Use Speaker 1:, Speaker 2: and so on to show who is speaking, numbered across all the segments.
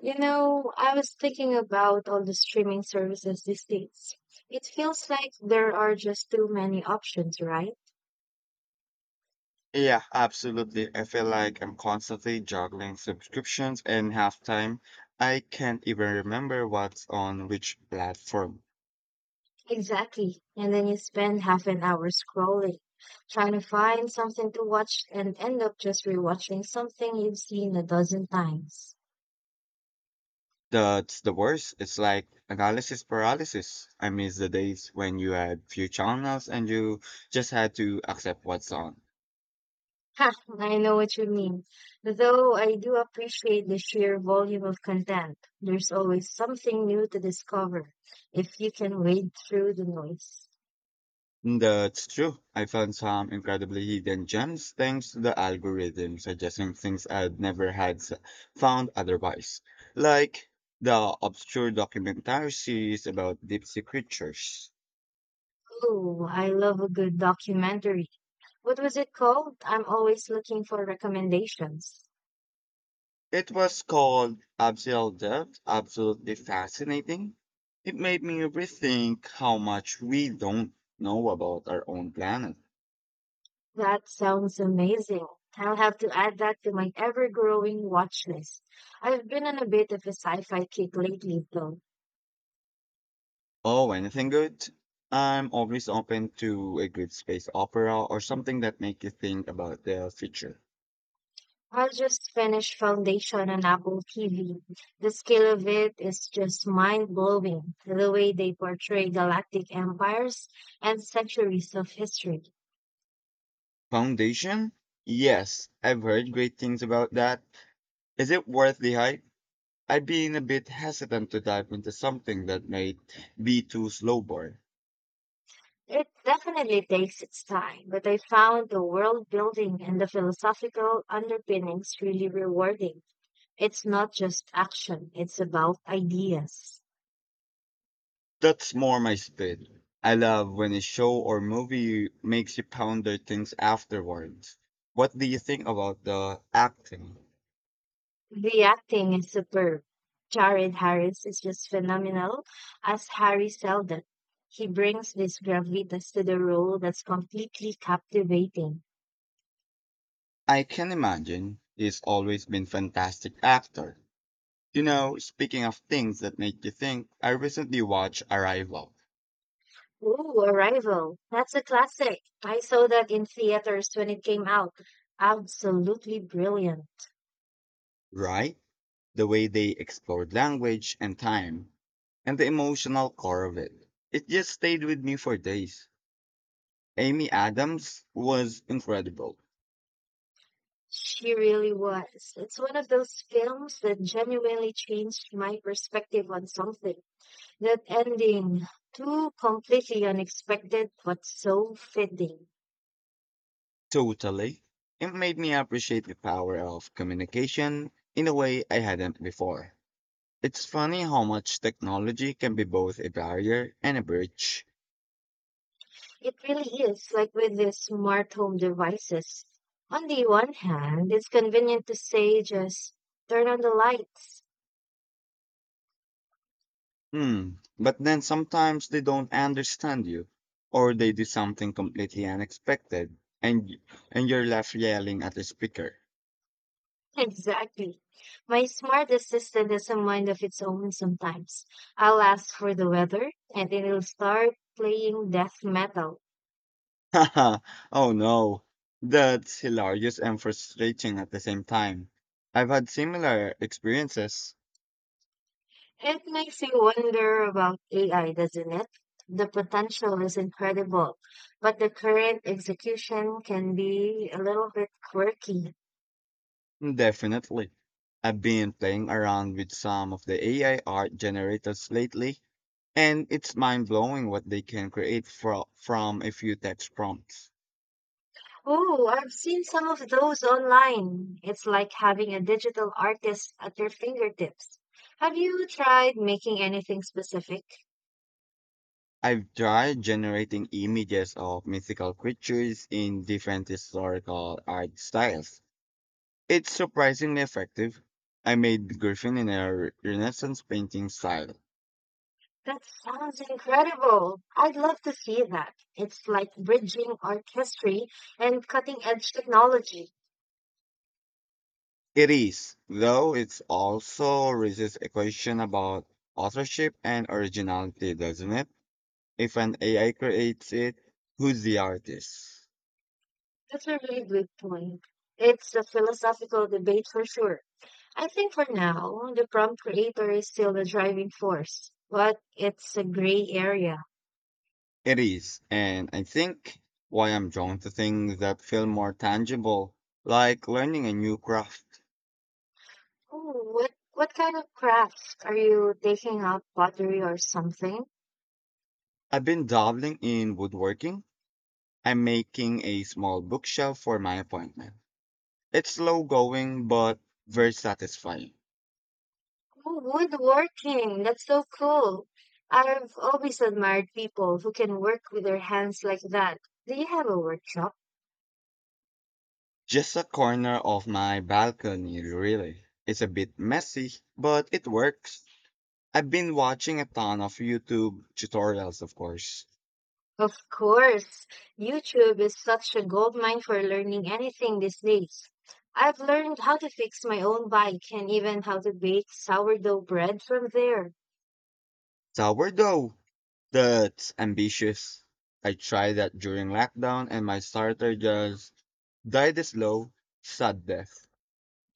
Speaker 1: You know, I was thinking about all the streaming services these days. It feels like there are just too many options, right?
Speaker 2: Yeah, absolutely. I feel like I'm constantly juggling subscriptions and half time. I can't even remember what's on which platform.
Speaker 1: Exactly. And then you spend half an hour scrolling, trying to find something to watch and end up just rewatching something you've seen a dozen times.
Speaker 2: That's the worst. It's like analysis paralysis. I miss the days when you had few channels and you just had to accept what's on.
Speaker 1: Ha, I know what you mean. Though I do appreciate the sheer volume of content. There's always something new to discover if you can wade through the noise.
Speaker 2: That's true. I found some incredibly hidden gems thanks to the algorithm suggesting things I'd never had s- found otherwise, like the obscure documentary series about deep sea creatures.
Speaker 1: Oh, I love a good documentary. What was it called? I'm always looking for recommendations.
Speaker 2: It was called Abyssal Depth, absolutely fascinating. It made me rethink how much we don't know about our own planet.
Speaker 1: That sounds amazing. I'll have to add that to my ever-growing watch list. I've been on a bit of a sci-fi kick lately, though.
Speaker 2: Oh, anything good? I'm always open to a good space opera or something that makes you think about the future.
Speaker 1: I just finished Foundation on Apple TV. The scale of it is just mind-blowing, the way they portray galactic empires and centuries of history.
Speaker 2: Foundation? Yes, I've heard great things about that. Is it worth the hype? I've been a bit hesitant to dive into something that might be too slow burn.
Speaker 1: It definitely takes its time, but I found the world building and the philosophical underpinnings really rewarding. It's not just action, it's about ideas.
Speaker 2: That's more my speed. I love when a show or movie makes you ponder things afterwards. What do you think about the acting?
Speaker 1: The acting is superb. Jared Harris is just phenomenal as Harry Seldon. He brings this gravitas to the role that's completely captivating.
Speaker 2: I can imagine. He's always been fantastic actor. You know, speaking of things that make you think, I recently watched Arrival,
Speaker 1: Ooh, Arrival. That's a classic. I saw that in theaters when it came out. Absolutely brilliant.
Speaker 2: right? The way they explored language and time and the emotional core of it. It just stayed with me for days. Amy Adams was incredible.
Speaker 1: She really was. It's one of those films that genuinely changed my perspective on something. That ending, too completely unexpected, but so fitting.
Speaker 2: Totally. It made me appreciate the power of communication in a way I hadn't before. It's funny how much technology can be both a barrier and a bridge.
Speaker 1: It really is like with these smart home devices. On the one hand, it's convenient to say just turn on the lights.
Speaker 2: Hmm. But then sometimes they don't understand you, or they do something completely unexpected, and y- and you're left yelling at the speaker.
Speaker 1: Exactly. My smart assistant has a mind of its own sometimes. I'll ask for the weather, and it'll start playing death metal.
Speaker 2: Haha, oh no. That's hilarious and frustrating at the same time. I've had similar experiences.
Speaker 1: It makes you wonder about AI, doesn't it? The potential is incredible, but the current execution can be a little bit quirky.
Speaker 2: Definitely. I've been playing around with some of the AI art generators lately, and it's mind blowing what they can create from a few text prompts.
Speaker 1: Oh, I've seen some of those online. It's like having a digital artist at your fingertips. Have you tried making anything specific?
Speaker 2: I've tried generating images of mythical creatures in different historical art styles. It's surprisingly effective. I made Griffin in a Renaissance painting style.
Speaker 1: That sounds incredible. I'd love to see that. It's like bridging art history and cutting edge technology.
Speaker 2: It is, though it also raises a question about authorship and originality, doesn't it? If an AI creates it, who's the artist?
Speaker 1: That's a really good point. It's a philosophical debate for sure. I think for now, the prompt creator is still the driving force, but it's a gray area.
Speaker 2: It is, and I think why I'm drawn to things that feel more tangible, like learning a new craft.
Speaker 1: Oh, what kind of crafts are you taking up? Pottery or something?
Speaker 2: I've been dabbling in woodworking. I'm making a small bookshelf for my appointment. It's slow going, but very satisfying.
Speaker 1: Oh, woodworking. That's so cool. I've always admired people who can work with their hands like that. Do you have a workshop?
Speaker 2: Just a corner of my balcony, really. It's a bit messy, but it works. I've been watching a ton of YouTube tutorials, of course.
Speaker 1: Of course, YouTube is such a goldmine for learning anything these days. I've learned how to fix my own bike and even how to bake sourdough bread from there.
Speaker 2: Sourdough! That's ambitious. I tried that during lockdown, and my starter just died a slow, sad death.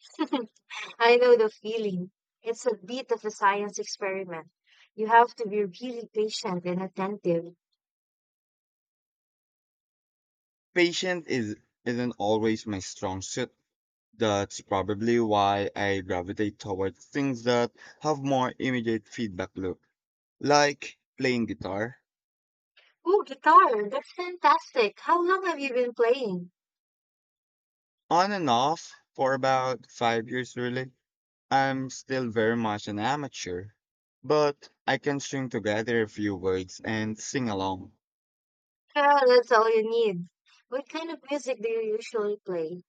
Speaker 1: I know the feeling. It's a bit of a science experiment. You have to be really patient and attentive.
Speaker 2: Patience is isn't always my strong suit. That's probably why I gravitate towards things that have more immediate feedback loop, like playing guitar.
Speaker 1: Oh, guitar! That's fantastic! How long have you been playing?
Speaker 2: On and off for about 5 years really. I'm still very much an amateur, but I can string together a few words and sing along.
Speaker 1: Well, that's all you need. What kind of music do you usually play?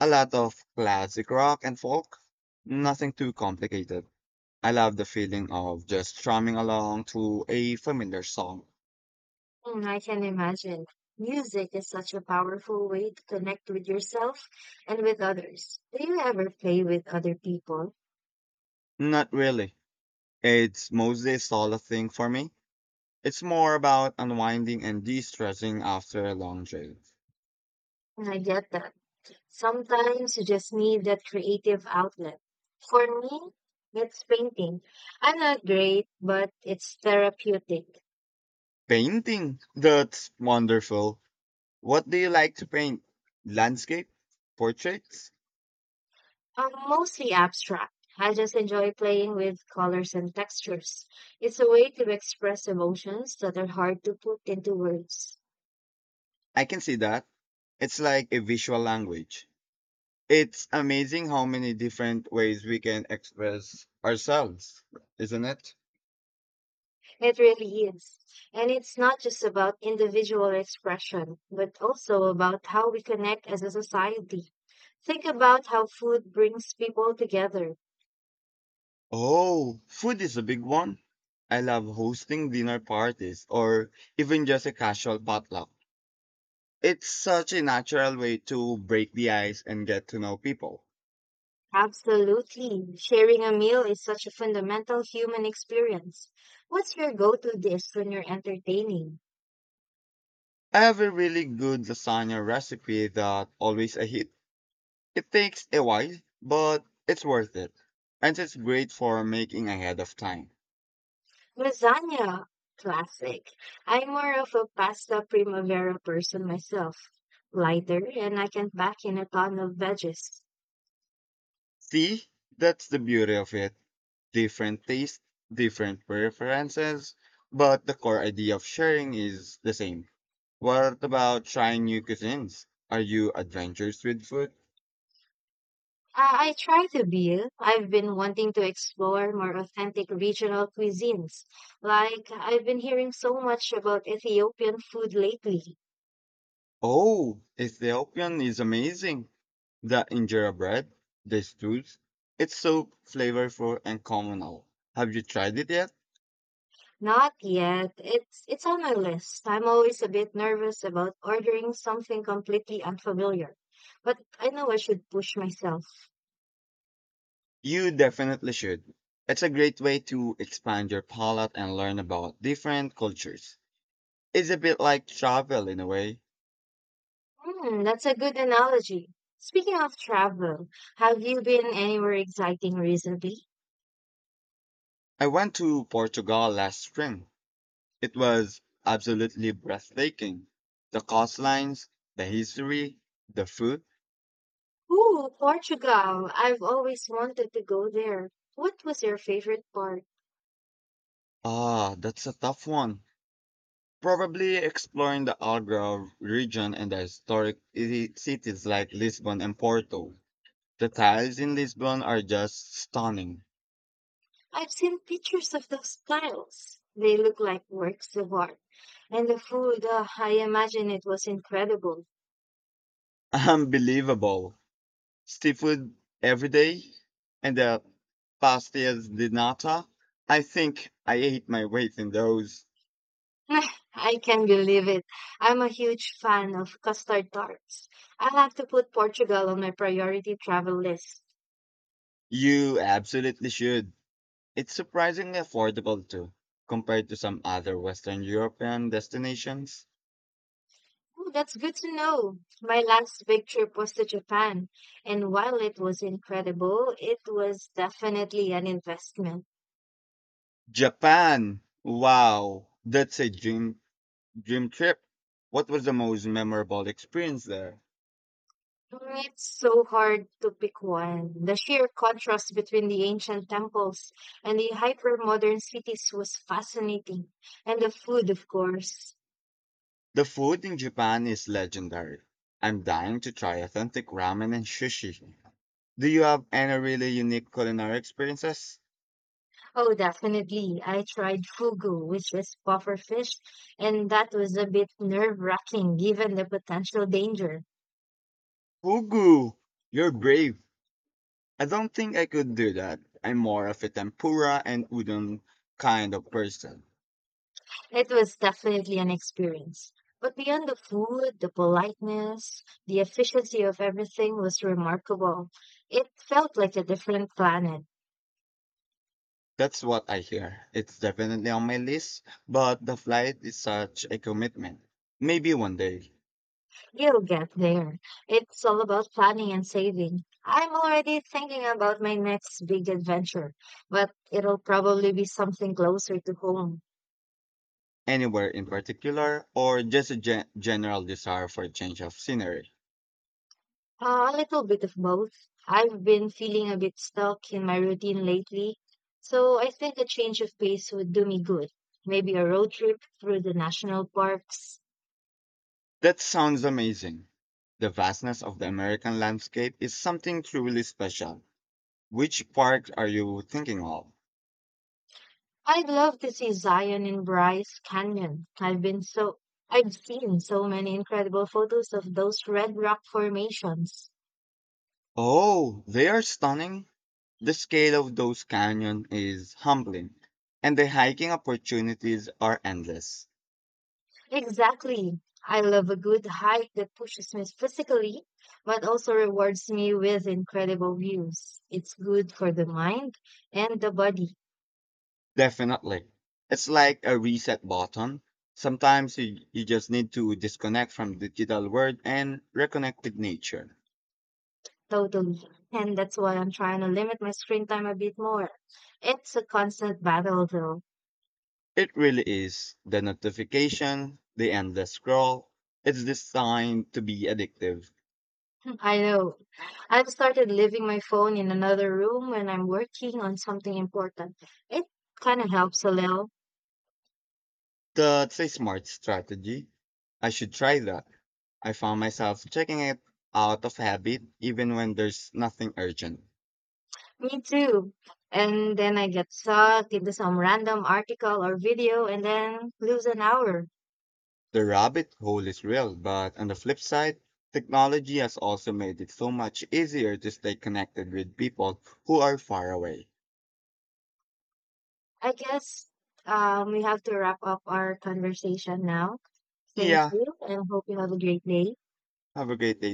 Speaker 2: A lot of classic rock and folk, nothing too complicated. I love the feeling of just strumming along to a familiar song.
Speaker 1: Mm, I can imagine. Music is such a powerful way to connect with yourself and with others. Do you ever play with other people?
Speaker 2: Not really. It's mostly a solo thing for me. It's more about unwinding and de-stressing after a long day.
Speaker 1: And I get that. Sometimes you just need that creative outlet. For me, it's painting. I'm not great, but it's therapeutic.
Speaker 2: Painting? That's wonderful. What do you like to paint? Landscape? Portraits?
Speaker 1: I'm mostly abstract. I just enjoy playing with colors and textures. It's a way to express emotions that are hard to put into words.
Speaker 2: I can see that. It's like a visual language. It's amazing how many different ways we can express ourselves, isn't it?
Speaker 1: It really is. And it's not just about individual expression, but also about how we connect as a society. Think about how food brings people together.
Speaker 2: Oh, food is a big one. I love hosting dinner parties or even just a casual potluck. It's such a natural way to break the ice and get to know people.
Speaker 1: Absolutely. Sharing a meal is such a fundamental human experience. What's your go-to dish when you're entertaining?
Speaker 2: I have a really good lasagna recipe that always a hit. It takes a while, but it's worth it. And it's great for making ahead of time.
Speaker 1: Lasagna. Classic. I'm more of a pasta primavera person myself. Lighter, and I can pack in a ton of veggies.
Speaker 2: See, that's the beauty of it. Different tastes, different preferences, but the core idea of sharing is the same. What about trying new cuisines? Are you adventurous with food?
Speaker 1: I try to be. I've been wanting to explore more authentic regional cuisines. Like, I've been hearing so much about Ethiopian food lately.
Speaker 2: Oh, Ethiopian is amazing. The injera bread, the stews, it's so flavorful and communal. Have you tried it yet?
Speaker 1: Not yet. It's on my list. I'm always a bit nervous about ordering something completely unfamiliar. But I know I should push myself.
Speaker 2: You definitely should. It's a great way to expand your palate and learn about different cultures. It's a bit like travel in a way.
Speaker 1: Hmm, that's a good analogy. Speaking of travel, have you been anywhere exciting recently?
Speaker 2: I went to Portugal last spring. It was absolutely breathtaking. The coastlines, the history, the food.
Speaker 1: Oh, Portugal. I've always wanted to go there. What was your favorite part?
Speaker 2: Ah, that's a tough one. Probably exploring the Algarve region and the cities like Lisbon and Porto. The tiles in Lisbon are just stunning.
Speaker 1: I've seen pictures of those tiles. They look like works of art. And the food, I imagine it was incredible.
Speaker 2: Unbelievable. Seafood every day and the pastillas de nata. I think I ate my weight in those.
Speaker 1: I can believe it. I'm a huge fan of custard tarts. I'll have to put Portugal on my priority travel list.
Speaker 2: You absolutely should. It's surprisingly affordable too, compared to some other Western European destinations.
Speaker 1: Oh, that's good to know. My last big trip was to Japan, and while it was incredible, it was definitely an investment.
Speaker 2: Japan! Wow, that's a dream Dream trip. What was the most memorable experience there?
Speaker 1: It's so hard to pick one. The sheer contrast between the ancient temples and the hyper-modern cities was fascinating. And the food, of course.
Speaker 2: The food in Japan is legendary. I'm dying to try authentic ramen and sushi. Do you have any really unique culinary experiences?
Speaker 1: Oh, definitely. I tried fugu, which is puffer fish, and that was a bit nerve-wracking given the potential danger.
Speaker 2: Fugu, you're brave. I don't think I could do that. I'm more of a tempura and udon kind of person.
Speaker 1: It was definitely an experience. But beyond the food, the politeness, the efficiency of everything was remarkable. It felt like a different planet.
Speaker 2: That's what I hear. It's definitely on my list, but the flight is such a commitment. Maybe one day.
Speaker 1: You'll get there. It's all about planning and saving. I'm already thinking about my next big adventure, but it'll probably be something closer to home.
Speaker 2: Anywhere in particular, or just a general desire for a change of scenery?
Speaker 1: A little bit of both. I've been feeling a bit stuck in my routine lately, so I think a change of pace would do me good. Maybe a road trip through the national parks.
Speaker 2: That sounds amazing. The vastness of the American landscape is something truly special. Which parks are you thinking of?
Speaker 1: I'd love to see Zion and Bryce Canyon. I've seen so many incredible photos of those red rock formations.
Speaker 2: Oh, they are stunning. The scale of those canyons is humbling, and the hiking opportunities are endless.
Speaker 1: Exactly. I love a good hike that pushes me physically, but also rewards me with incredible views. It's good for the mind and the body,
Speaker 2: Definitely. It's like a reset button. Sometimes you just need to disconnect from the digital world and reconnect with nature.
Speaker 1: totally. And that's why I'm trying to limit my screen time a bit more. It's a constant battle, though.
Speaker 2: It really is. The notification, the endless scroll, it's designed to be addictive.
Speaker 1: I know. I've started leaving my phone in another room when I'm working on something important. It kind of helps a little.
Speaker 2: That's a smart strategy. I should try that. I found myself checking it out of habit even when there's nothing urgent.
Speaker 1: Me too. And then I get sucked into some random article or video and then lose an hour.
Speaker 2: The rabbit hole is real, but on the flip side, technology has also made it so much easier to stay connected with people who are far away.
Speaker 1: I guess we have to wrap up our conversation now. Thank
Speaker 2: Yeah,
Speaker 1: you and hope you have a great day.
Speaker 2: have a great day.